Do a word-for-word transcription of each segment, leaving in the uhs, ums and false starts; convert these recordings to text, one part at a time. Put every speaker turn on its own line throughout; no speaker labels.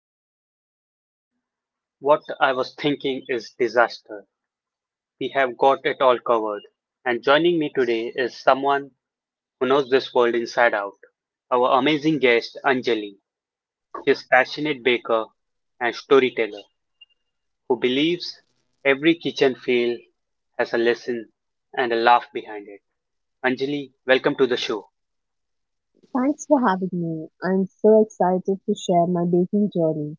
what I what I was thinking is disaster. We have got it all covered. And joining me today is someone who knows this world inside out. Our amazing guest Anjali. She's a passionate baker and storyteller who believes every kitchen fail has a lesson and a laugh behind it. Anjali, welcome to the show.
Thanks for having me. I'm so excited to share my baking journey.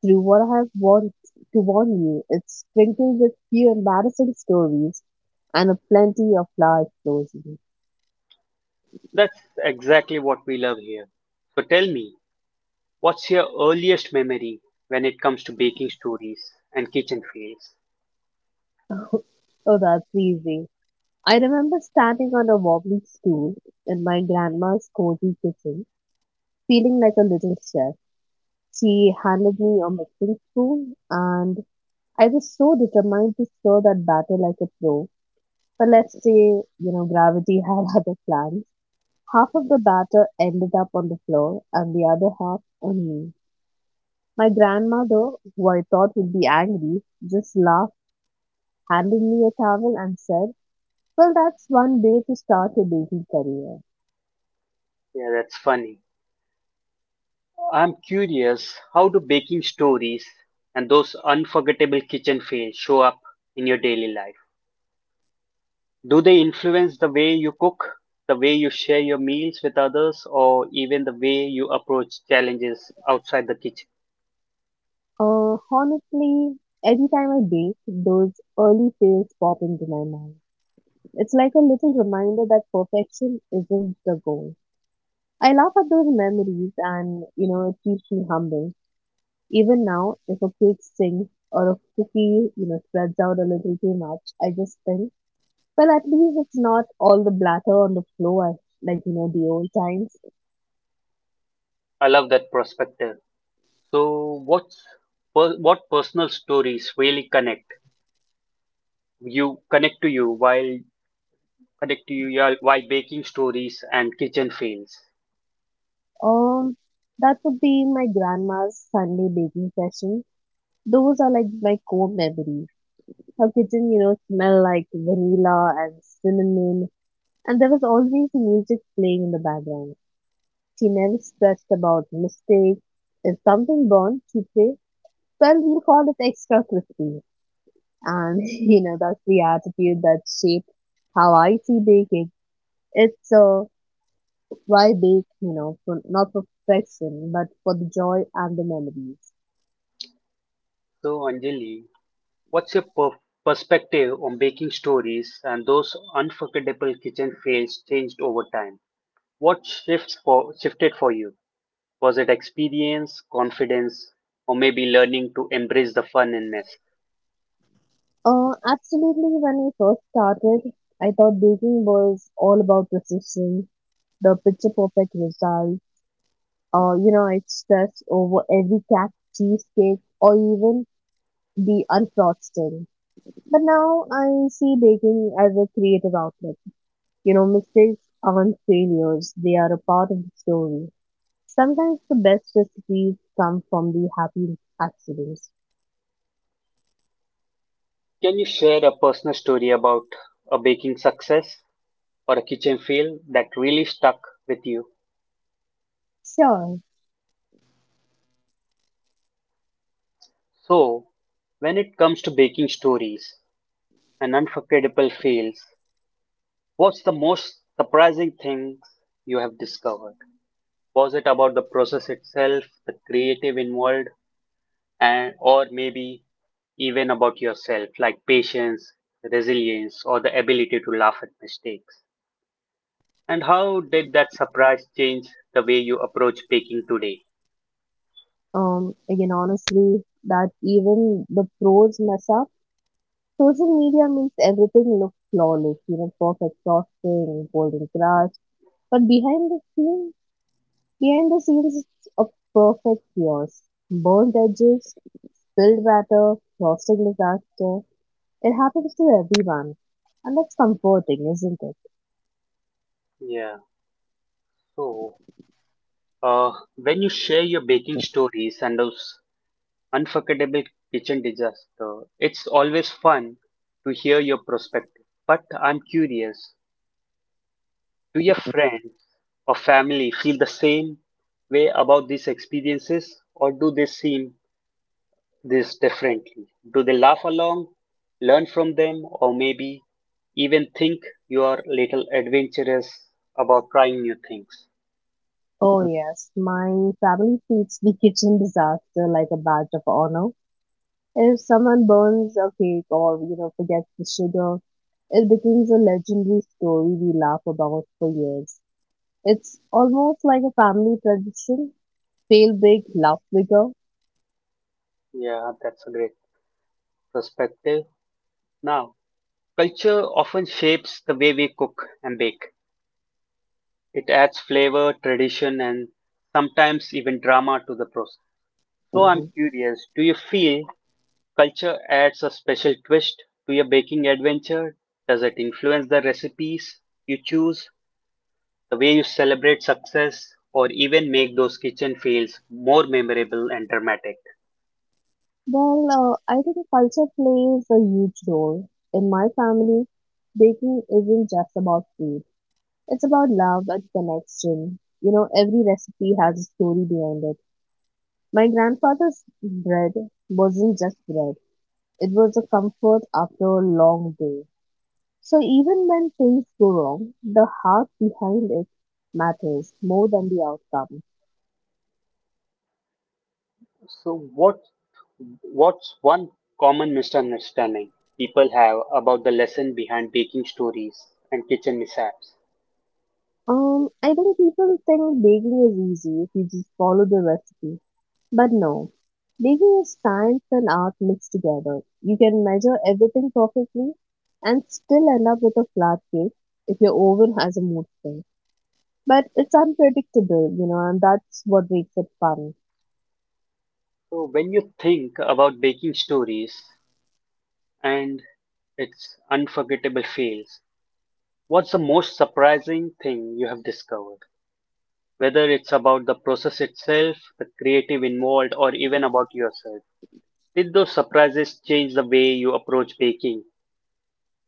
Through what I have warned to warn you, it's sprinkled with few embarrassing stories and a plenty of large explosions.
That's exactly what we love here. So tell me, what's your earliest memory when it comes to baking stories and kitchen fails?
Oh, that's easy. I remember standing on a wobbly stool in my grandma's cozy kitchen, feeling like a little chef. She handed me a mixing spoon, and I was so determined to stir that batter like a pro. But let's say, you know, gravity had other plans. Half of the batter ended up on the floor and the other half on me. My grandmother, who I thought would be angry, just laughed, handed me a towel and said, "Well, that's one way to start a baking career."
Yeah, that's funny. I'm curious, how do baking stories and those unforgettable kitchen fails show up in your daily life? Do they influence the way you cook, the way you share your meals with others, or even the way you approach challenges outside the kitchen?
Uh, honestly, every time I bake, those early fails pop into my mind. It's like a little reminder that perfection isn't the goal. I laugh at those memories and, you know, it keeps me humble. Even now, if a cake sings or a cookie, you know, spreads out a little too much, I just think, well, at least it's not all the blatter on the floor, as- like, you know, the old times.
I love that perspective. So, what's per- what personal stories really connect you connect to you while connect to you while while baking stories and kitchen fails?
Um, that would be my grandma's Sunday baking session. Those are like my core memories. Her kitchen, you know, smelled like vanilla and cinnamon, and there was always music playing in the background. She never stressed about mistakes. If something burned, she'd say, well, we'll call it extra crispy. And you know that's the attitude that shaped how I see baking. It's so why bake, you know, for not for perfection, but for the joy and the memories.
So, Anjali, what's your per- perspective on baking stories and those unforgettable kitchen fails changed over time? What shifts for shifted for you? Was it experience, confidence, or maybe learning to embrace the fun and mess?
Uh, absolutely. When I first started, I thought baking was all about precision, the picture perfect result. Uh, you know, I stressed over every cat cheesecake or even the unfrosting. But now I see baking as a creative outlet. You know, mistakes aren't failures, they are a part of the story. Sometimes the best recipes come from the happy accidents.
Can you share a personal story about a baking success or a kitchen fail that really stuck with you?
Sure.
So, when it comes to baking stories and unforgettable fails, what's the most surprising thing you have discovered? Was it about the process itself, the creative involved, and or maybe even about yourself, like patience, resilience, or the ability to laugh at mistakes? And how did that surprise change the way you approach baking today?
Um, again, honestly, that even the pros mess up. Social media makes everything look flawless, you know, perfect frosting, golden crush. But behind the scenes, behind the scenes, it's a perfect chaos. Burnt edges, spilled batter, frosting disaster. It happens to everyone. And that's comforting, isn't it?
Yeah, so uh, when you share your baking stories and those unforgettable kitchen disaster, it's always fun to hear your perspective. But I'm curious, do your friends or family feel the same way about these experiences, or do they seem this differently? Do they laugh along, learn from them, or maybe even think you are little adventurous about trying new things?
Oh, yes. My family treats the kitchen disaster like a badge of honor. If someone burns a cake or, you know, forgets the sugar, it becomes a legendary story we laugh about for years. It's almost like a family tradition. Fail big, laugh bigger.
Yeah, that's a great perspective. Now, culture often shapes the way we cook and bake. It adds flavor, tradition, and sometimes even drama to the process. So I'm
Hmm.
curious, do you feel culture adds a special twist to your baking adventure? Does it influence the recipes you choose, the way you celebrate success, or even make those kitchen fails more memorable and dramatic?
Well, uh, I think culture plays a huge role. In my family, baking isn't just about food. It's about love and connection. You know, every recipe has a story behind it. My grandfather's bread wasn't just bread. It was a comfort after a long day. So even when things go wrong, the heart behind it matters more than the outcome.
So what what's one common misunderstanding people have about the lesson behind baking stories and kitchen mishaps?
Um, I think people think baking is easy if you just follow the recipe. But no, baking is science and art mixed together. You can measure everything perfectly and still end up with a flat cake if your oven has a mood swing. But it's unpredictable, you know, and that's what makes it fun.
So when you think about baking stories and its unforgettable fails, what's the most surprising thing you have discovered? Whether it's about the process itself, the creative involved, or even about yourself. Did those surprises change the way you approach baking,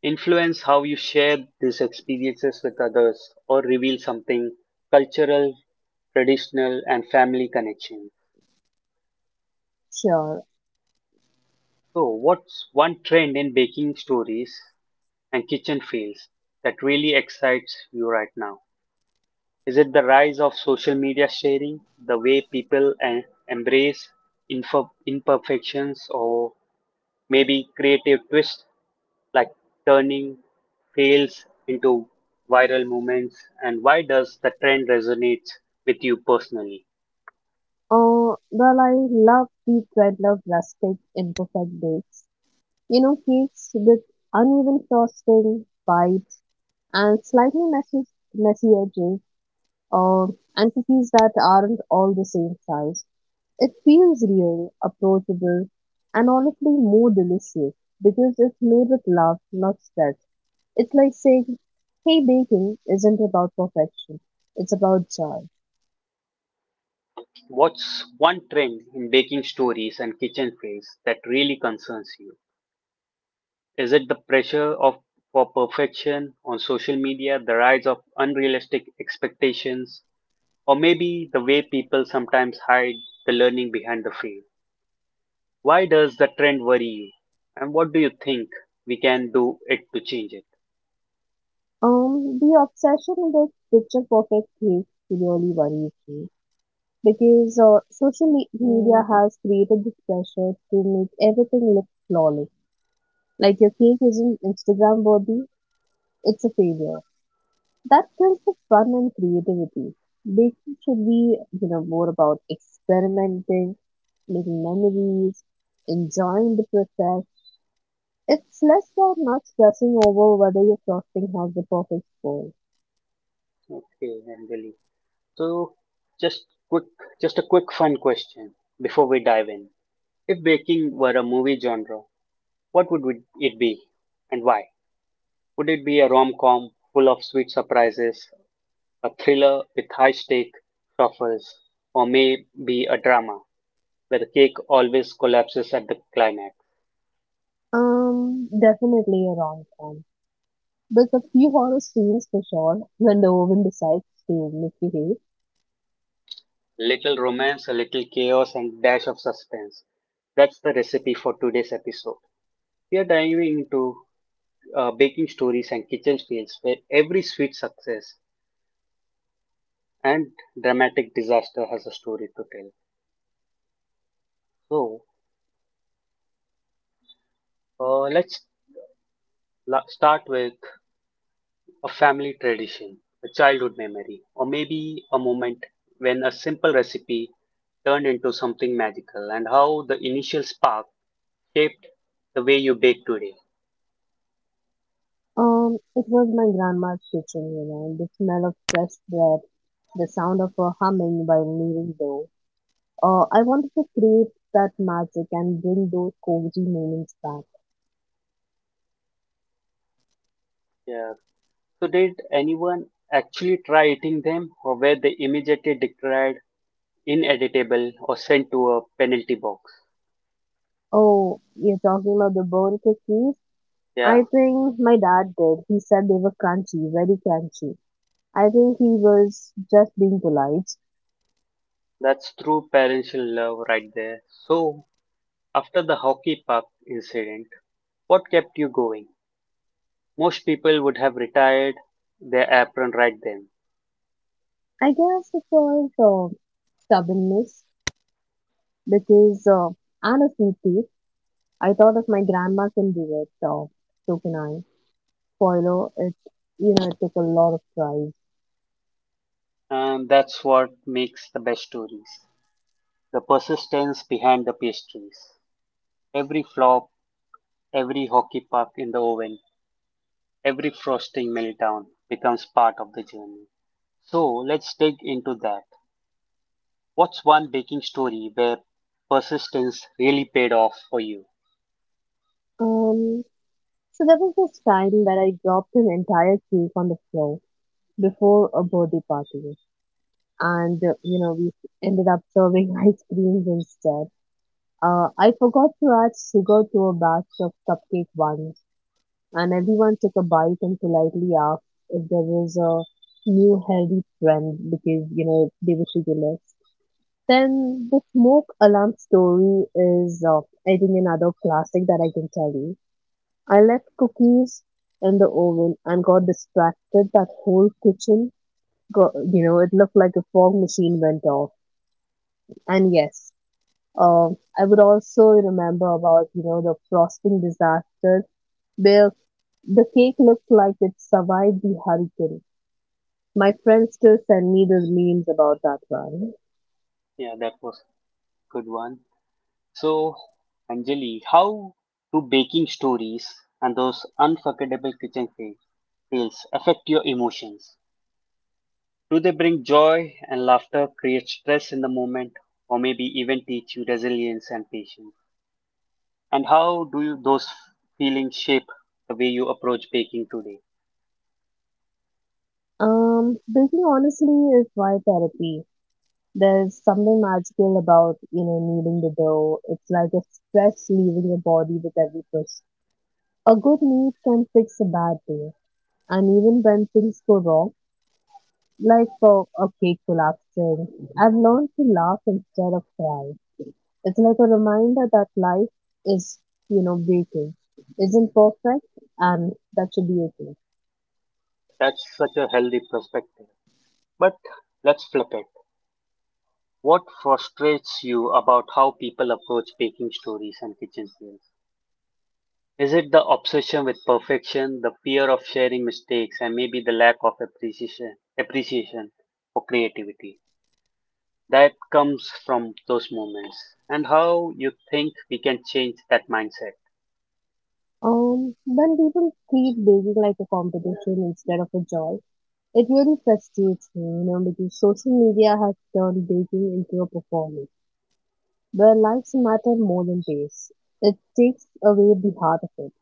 influence how you share these experiences with others, or reveal something cultural, traditional, and family connection?
Sure.
So, what's one trend in baking stories and kitchen fails that really excites you right now? Is it the rise of social media sharing, the way people en- embrace info- imperfections, or maybe creative twists like turning fails into viral moments, and why does the trend resonate with you personally?
Uh, well, I love deep red love rustic imperfect bakes. You know, cakes with uneven frosting, bites, and slightly messy, messy edges, uh, and cookies that aren't all the same size. It feels real, approachable, and honestly more delicious because it's made with love, not stress. It's like saying, hey, baking isn't about perfection, it's about joy.
What's one trend in baking stories and kitchen fails that really concerns you? Is it the pressure of for perfection on social media, the rise of unrealistic expectations, or maybe the way people sometimes hide the learning behind the fail? Why does the trend worry you, and what do you think we can do it to change it?
Um, the obsession with picture perfect cakes really worries me because uh, social me- media has created this pressure to make everything look flawless. Like your cake isn't Instagram worthy, it's a failure. That kills the fun and creativity. Baking should be, you know, more about experimenting, making memories, enjoying the process. It's less about not stressing over whether your frosting has the perfect score.
Okay, and so just quick just a quick fun question before we dive in. If baking were a movie genre, what would we- it be and why? Would it be a rom-com full of sweet surprises, a thriller with high-stake truffles, or maybe a drama where the cake always collapses at the climax?
Um, definitely a rom-com. There's a few horror scenes for sure when the oven decides to misbehave.
Little romance, a little chaos and dash of suspense. That's the recipe for today's episode. We are diving into uh, baking stories and kitchen fails where every sweet success and dramatic disaster has a story to tell. So uh, let's la- start with a family tradition, a childhood memory, or maybe a moment when a simple recipe turned into something magical and how the initial spark shaped the way you bake today.
Um, it was my grandma's kitchen, you know, and the smell of fresh bread, the sound of her humming while kneading dough. Uh, I wanted to create that magic and bring those cozy moments back.
Yeah. So did anyone actually try eating them or were they immediately declared inedible or sent to a penalty box?
Oh, you're talking about the bone cookies?
Yeah.
I think my dad did. He said they were crunchy, very crunchy. I think he was just being polite.
That's true parental love right there. So, after the hockey puck incident, what kept you going? Most people would have retired their apron right then.
I guess it was uh, stubbornness because uh, I'm a sweet tooth. I thought if my grandma can do it, uh, so can I. Spoiler, it, you know, it took a lot of tries.
And that's what makes the best stories, the persistence behind the pastries. Every flop, every hockey puck in the oven, every frosting meltdown becomes part of the journey. So, let's dig into that. What's one baking story where persistence really paid off for you?
Um, So there was this time that I dropped an entire cake on the floor before a birthday party, and uh, you know we ended up serving ice creams instead. Uh, I forgot to add sugar to a batch of cupcake ones, and everyone took a bite and politely asked if there was a new healthy trend because you know they were sugarless. Then the smoke alarm story is uh, I think another classic that I can tell you. I left cookies in the oven and got distracted. That whole kitchen, got, you know, it looked like a fog machine went off. And yes, um, I would also remember about, you know, the frosting disaster where the cake looked like it survived the hurricane. My friends still send me the memes about that one.
Yeah, that was good one. So, Anjali, how do baking stories and those unforgettable kitchen fa- tales affect your emotions? Do they bring joy and laughter, create stress in the moment, or maybe even teach you resilience and patience? And how do you, those feelings shape the way you approach baking today?
Um, baking honestly is my therapy. There's something magical about, you know, kneading the dough. It's like a stress leaving your body with every push. A good knead can fix a bad day. And even when things go wrong, like for a cake collapsing, I've learned to laugh instead of cry. It's like a reminder that life is, you know, baking. Isn't perfect and that should be okay.
That's such a healthy perspective. But let's flip it. What frustrates you about how people approach baking stories and kitchen tales? Is it the obsession with perfection, the fear of sharing mistakes, and maybe the lack of appreciation, appreciation for creativity that comes from those moments? And how you think we can change that mindset?
Um, when people treat baking like a competition instead of a joy, it really frustrates me, you know, because social media has turned baking into a performance where likes matter more than taste. It takes away the heart of it.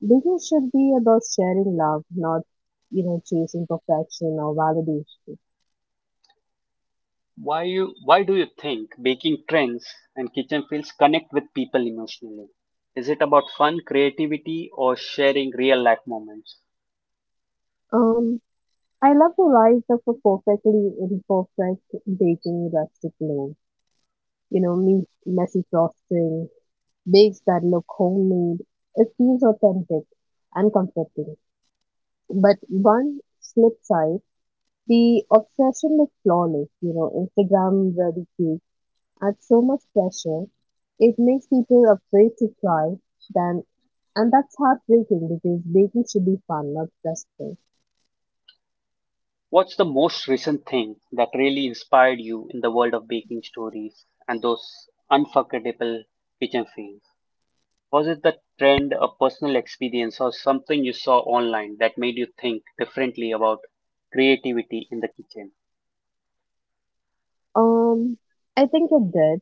Baking should be about sharing love, not, you know, chasing perfection or validation.
Why you? Why do you think baking trends and kitchen fields connect with people emotionally? Is it about fun, creativity, or sharing real life moments?
Um, I love the rise of a perfectly imperfect baking rustic loaf. You know, me- messy frosting, bakes that look homemade. It feels authentic and comforting. But one slip side, the obsession with flawless, you know, Instagram ready cake adds so much pressure. It makes people afraid to try. Then, and that's heartbreaking because baking should be fun, not stressful.
What's the most recent thing that really inspired you in the world of baking stories and those unforgettable kitchen fails? Was it the trend, a personal experience, or something you saw online that made you think differently about creativity in the kitchen?
Um, I think it did.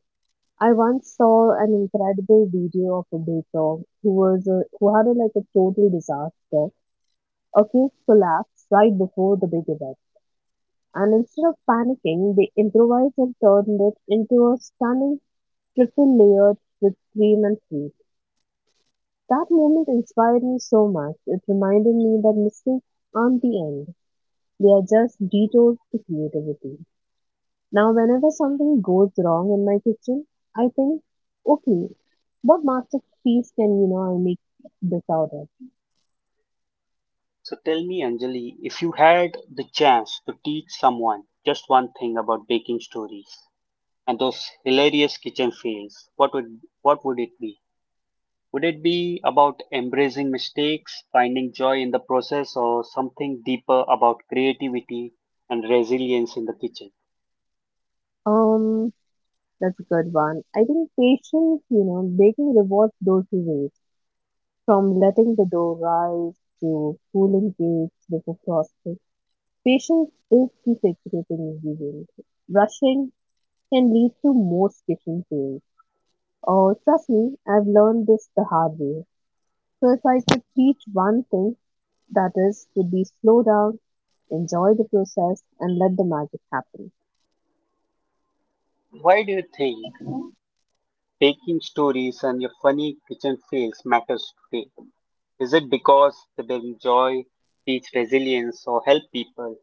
I once saw an incredible video of a baker who was a, who had a, like a total disaster. A cake collapsed right before the big event, and instead of panicking, they improvised and turned it into a stunning triple layered with cream and fruit. That moment inspired me so much. It reminded me that mistakes aren't the end. They are just detours to creativity. Now, whenever something goes wrong in my kitchen, I think, okay, what masterpiece can, you know, I make this out of?
So tell me, Anjali, if you had the chance to teach someone just one thing about baking stories and those hilarious kitchen fails, what would what would it be? Would it be about embracing mistakes, finding joy in the process, or something deeper about creativity and resilience in the kitchen?
Um, that's a good one. I think patience, you know, baking rewards those who wait. From letting the dough rise to cooling cakes before frosting. Patience is the secret ingredient. Rushing can lead to more kitchen fails. Oh, trust me, I've learned this the hard way. So if I could teach one thing, that is, would be slow down, enjoy the process, and let the magic happen.
Why do you think baking stories and your funny kitchen fails matters today? Is it because they bring joy, teach resilience, or help people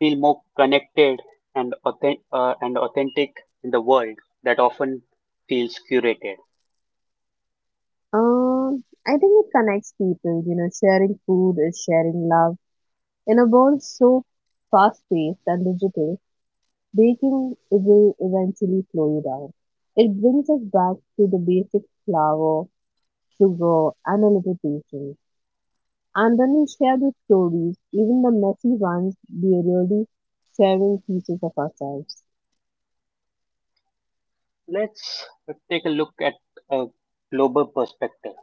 feel more connected and, authen- uh, and authentic in the world that often feels curated?
Um, I think it connects people. You know, sharing food is sharing love. In a world so fast-paced and digital, baking will eventually slow you down. It brings us back to the basic flour, to grow and a little patience. And then we share the stories, even the messy ones, we are really sharing pieces of ourselves.
Let's take a look at a global perspective.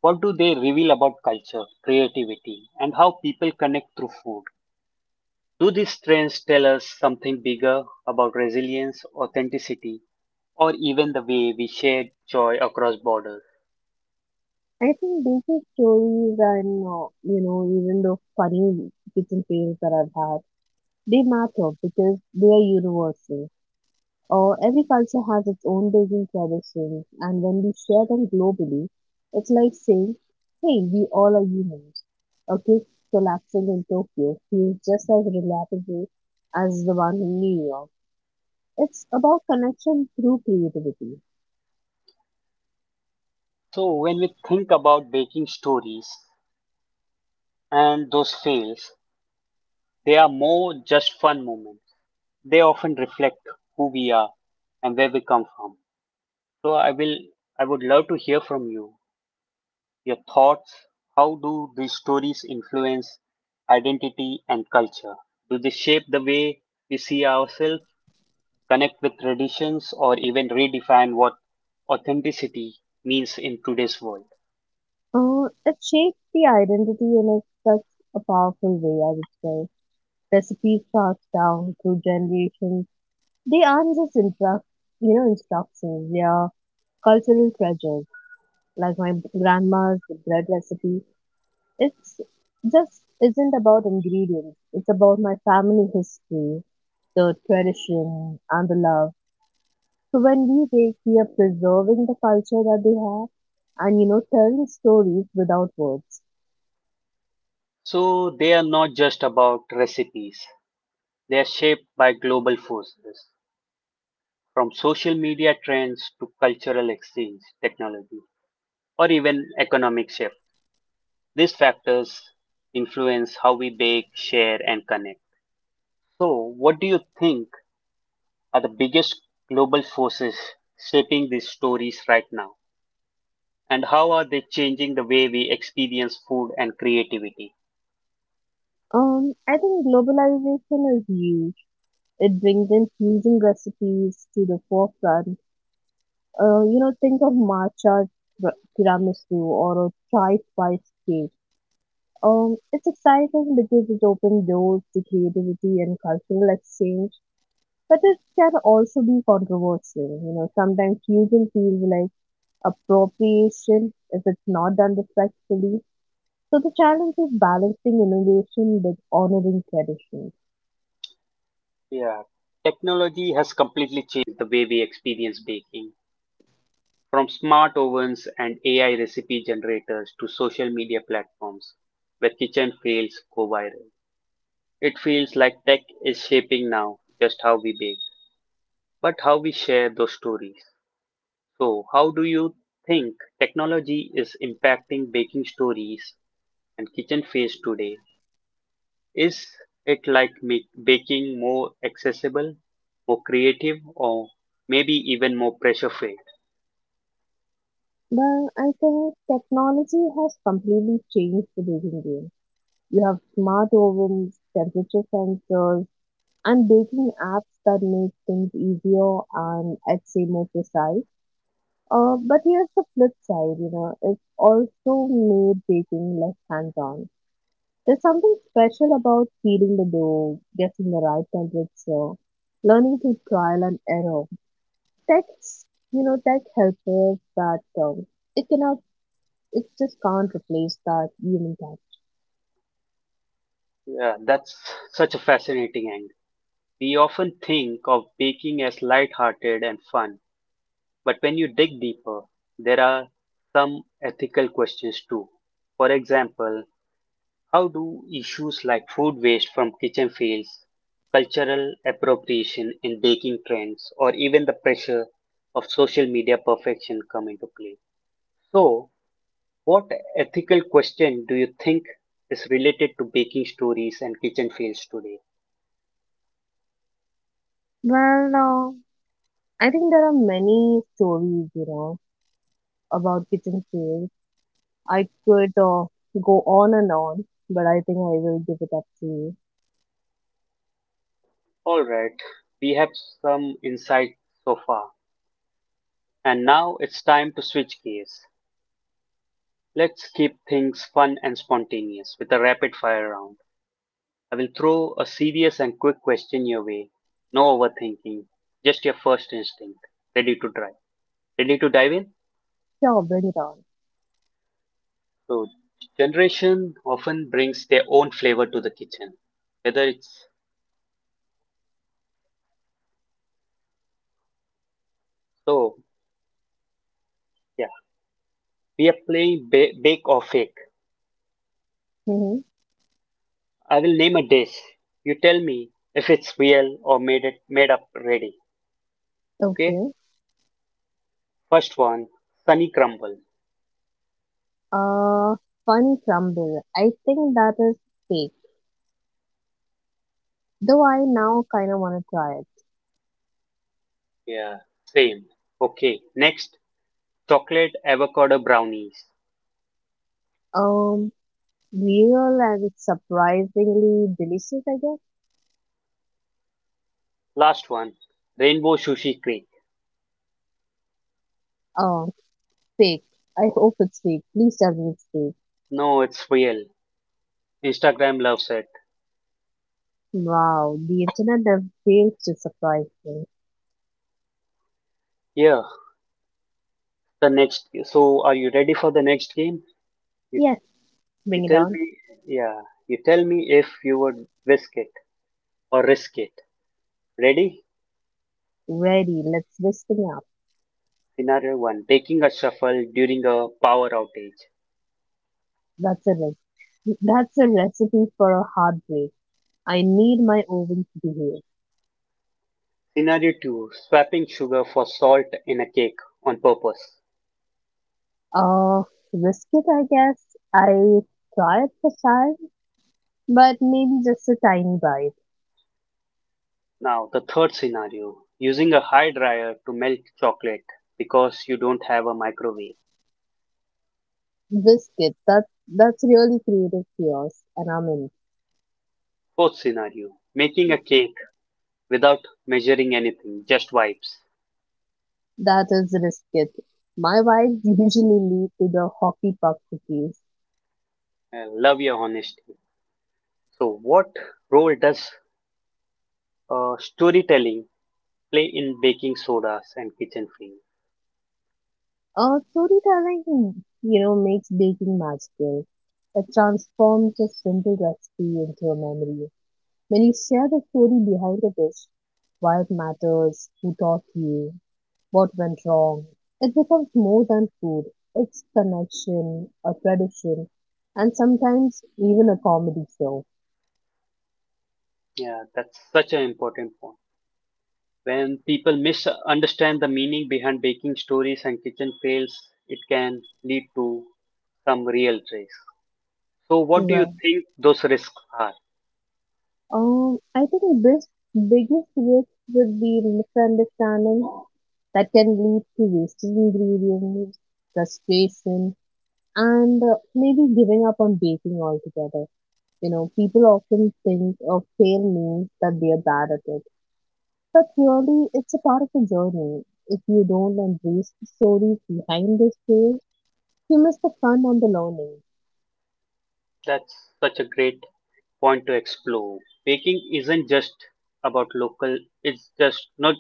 What do they reveal about culture, creativity, and how people connect through food? Do these trends tell us something bigger about resilience, authenticity, or even the way we share joy across borders?
I think basic stories and, uh, you know, even the funny kitchen fails that I've had, they matter because they are universal. Uh, every culture has its own baking tradition, and when we share them globally, it's like saying, hey, we all are humans. A cake collapsing in Tokyo feels just as relatable as the one in New York. It's about connection through creativity.
So, when we think about baking stories and those fails, they are more just fun moments. They often reflect who we are and where we come from. So, I will, I would love to hear from you your thoughts, how do these stories influence identity and culture? Do they shape the way we see ourselves, connect with traditions, or even redefine what authenticity means in today's world?
Uh, it shapes the identity in a, such a powerful way, I would say. Recipes passed down through generations. They aren't just instruct, you know, instructions. They are cultural treasures. Like my grandma's bread recipe, it's just isn't about ingredients. It's about my family history, the tradition, and the love. So when we bake, we are preserving the culture that they have, and you know, telling stories without words.
So, they are not just about recipes, they are shaped by global forces, from social media trends to cultural exchange, technology, or even economic shift. These factors influence how we bake, share, and connect. So, what do you think are the biggest global forces shaping these stories right now? And how are they changing the way we experience food and creativity?
Um, I think globalization is huge. It brings in fusion recipes to the forefront. Uh, you know, think of matcha tiramisu or a chai spice cake. Um, it's exciting because it opens doors to creativity and cultural exchange, but it can also be controversial. You know, sometimes fusion feels like appropriation if it's not done respectfully. So the challenge is balancing innovation with honoring tradition.
Yeah, technology has completely changed the way we experience baking. From smart ovens and A I recipe generators to social media platforms where kitchen fails go viral. It feels like tech is shaping now just how we bake, but how we share those stories. So, how do you think technology is impacting baking stories and kitchen phase today? Is it like make baking more accessible, more creative, or maybe even more pressure free?
But I think technology has completely changed the baking game. You have smart ovens, temperature sensors, and baking apps that make things easier and I'd say more precise. Uh, but here's the flip side, you know, it's also made baking less hands-on. There's something special about feeding the dough, getting the right temperature, learning through trial and error. Tech's, you know, Tech helps us, but um, it cannot, it just can't replace that human touch.
Yeah, that's such a fascinating angle. We often think of baking as light-hearted and fun, but when you dig deeper, there are some ethical questions too. For example, how do issues like food waste from kitchen fails, cultural appropriation in baking trends, or even the pressure of social media perfection come into play? So, what ethical question do you think is related to baking stories and kitchen fails today?
Well, uh, I think there are many stories, you know, about kitchen sales. I could uh, go on and on, but I think I will give it up to you.
All right, we have some insight so far, and now it's time to switch gears. Let's keep things fun and spontaneous with a rapid fire round. I will throw a serious and quick question your way. No overthinking, just your first instinct. Ready to try. Ready to dive in?
Sure, bring it on.
So, generation often brings their own flavor to the kitchen. Whether it's so, yeah, we are playing ba- bake or fake.
Mm-hmm.
I will name a dish. You tell me if it's real or made it made up ready. Okay.
Okay.
First one, sunny crumble.
Uh, Fun crumble. I think that is fake. Though I now kind of want to try it.
Yeah, same. Okay. Next, chocolate avocado brownies.
Um, Real and surprisingly delicious, I guess.
Last one, Rainbow Sushi Creek.
Oh, fake. I hope it's fake. Please tell me it's fake.
No, it's real. Instagram loves it.
Wow, the internet never fails to surprise me.
Yeah, the next. So, are you ready for the next game? You,
Yes,
you
bring it
tell
on.
me. Yeah, you tell me if you would risk it or risk it. Ready?
Ready, let's whisk thing up.
Scenario one: taking a shuffle during a power outage.
That's a recipe. That's a recipe for a heartbreak. I need my oven to behave.
Scenario two: swapping sugar for salt in a cake on purpose.
Uh, Risk it, I guess. I try it for time, but maybe just a tiny bite.
Now, the third scenario: using a high dryer to melt chocolate because you don't have a microwave.
Risk it. That that's really creative chaos, and I'm in.
Fourth scenario, making a cake without measuring anything, just vibes.
That is risk it. My vibes usually lead to the hockey puck cookies.
I love your honesty. So, what role does uh, storytelling play in baking sodas and kitchen fame?
Uh, storytelling, you know, makes baking magical. It transforms a simple recipe into a memory. When you share the story behind the dish, why it matters, who taught you, what went wrong? It becomes more than food. It's connection, a tradition, and sometimes even a comedy show.
Yeah, that's such an important point. When people misunderstand the meaning behind baking stories and kitchen fails, it can lead to some real trace. So, what do you
Right.
think those risks are?
Um, I think the best, biggest risk would be misunderstanding that can lead to wasted ingredients, frustration, and uh, maybe giving up on baking altogether. You know, people often think of fail means that they are bad at it. But really, it's a part of the journey. If you don't embrace the stories behind the story, you miss the fun and the learning.
That's such a great point to explore. Baking isn't just about local. It's just not.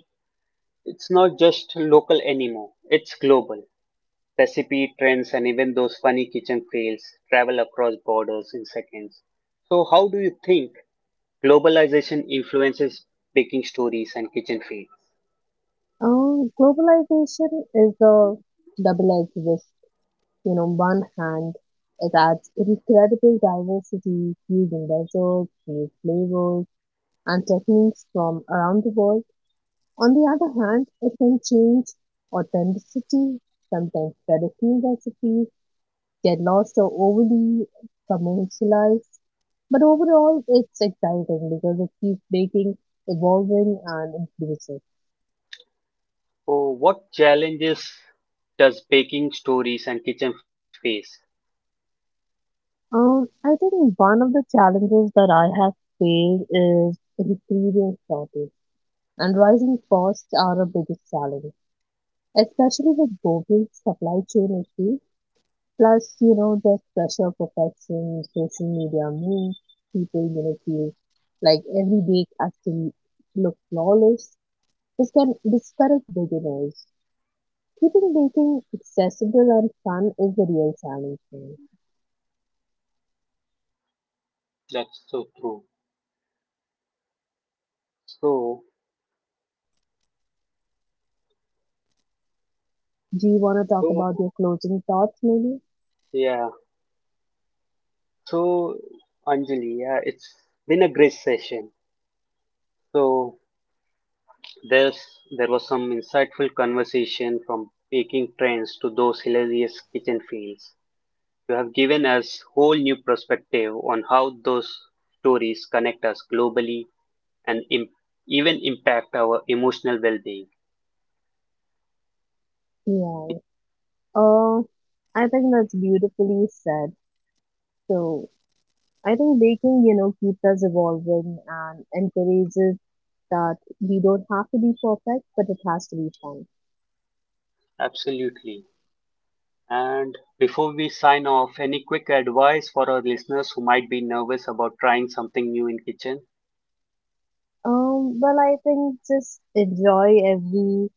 It's not just local anymore. It's global. Recipe trends and even those funny kitchen fails travel across borders in seconds. So how do you think globalization influences baking stories and kitchen fails?
Um, globalization is a double-edged sword. You know, on one hand, it adds incredible diversity, using deserts, new flavors, and techniques from around the world. On the other hand, it can change authenticity, sometimes traditional recipes, get lost or overly commercialized. But overall, it's exciting because it keeps baking, evolving, and inclusive.
Oh, what challenges does baking stories and kitchen fails face?
Um, I think one of the challenges that I have faced is ingredient shortage, and rising costs are a biggest challenge, especially with global supply chain issues. Plus, you know, there's pressure, perfection, social media means people, you know, feel like every bake has to look flawless. This can discourage beginners. Keeping baking accessible and fun is the real challenge here.
That's so true. So,
Do you want to talk
so
about your closing thoughts, maybe?
yeah. So, Anjali, yeah, it's been a great session. So, there's there was some insightful conversation from baking trends to those hilarious kitchen fails. You have given us whole new perspective on how those stories connect us globally and im- even impact our emotional well-being.
Yeah. Uh, I think that's beautifully said. So I think baking, you know, keeps us evolving and encourages that we don't have to be perfect, but it has to be fun.
Absolutely. And before we sign off, any quick advice for our listeners who might be nervous about trying something new in kitchen?
Um, well, I think just enjoy every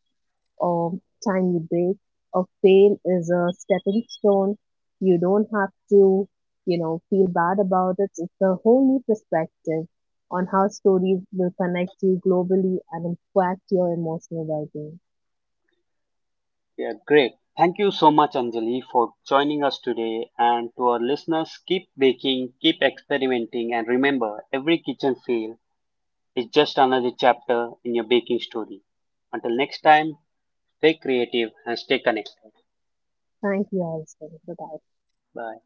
or time you break or fail is a stepping stone. You don't have to, you know, feel bad about it. It's a whole new perspective on how stories will connect you globally and impact your emotional well-being.
Yeah, great. Thank you so much, Anjali, for joining us today. And to our listeners, keep baking, keep experimenting, and remember every kitchen fail is just another chapter in your baking story. Until next time, stay creative and stay connected.
Thank you, Alison. Bye-bye.
Bye.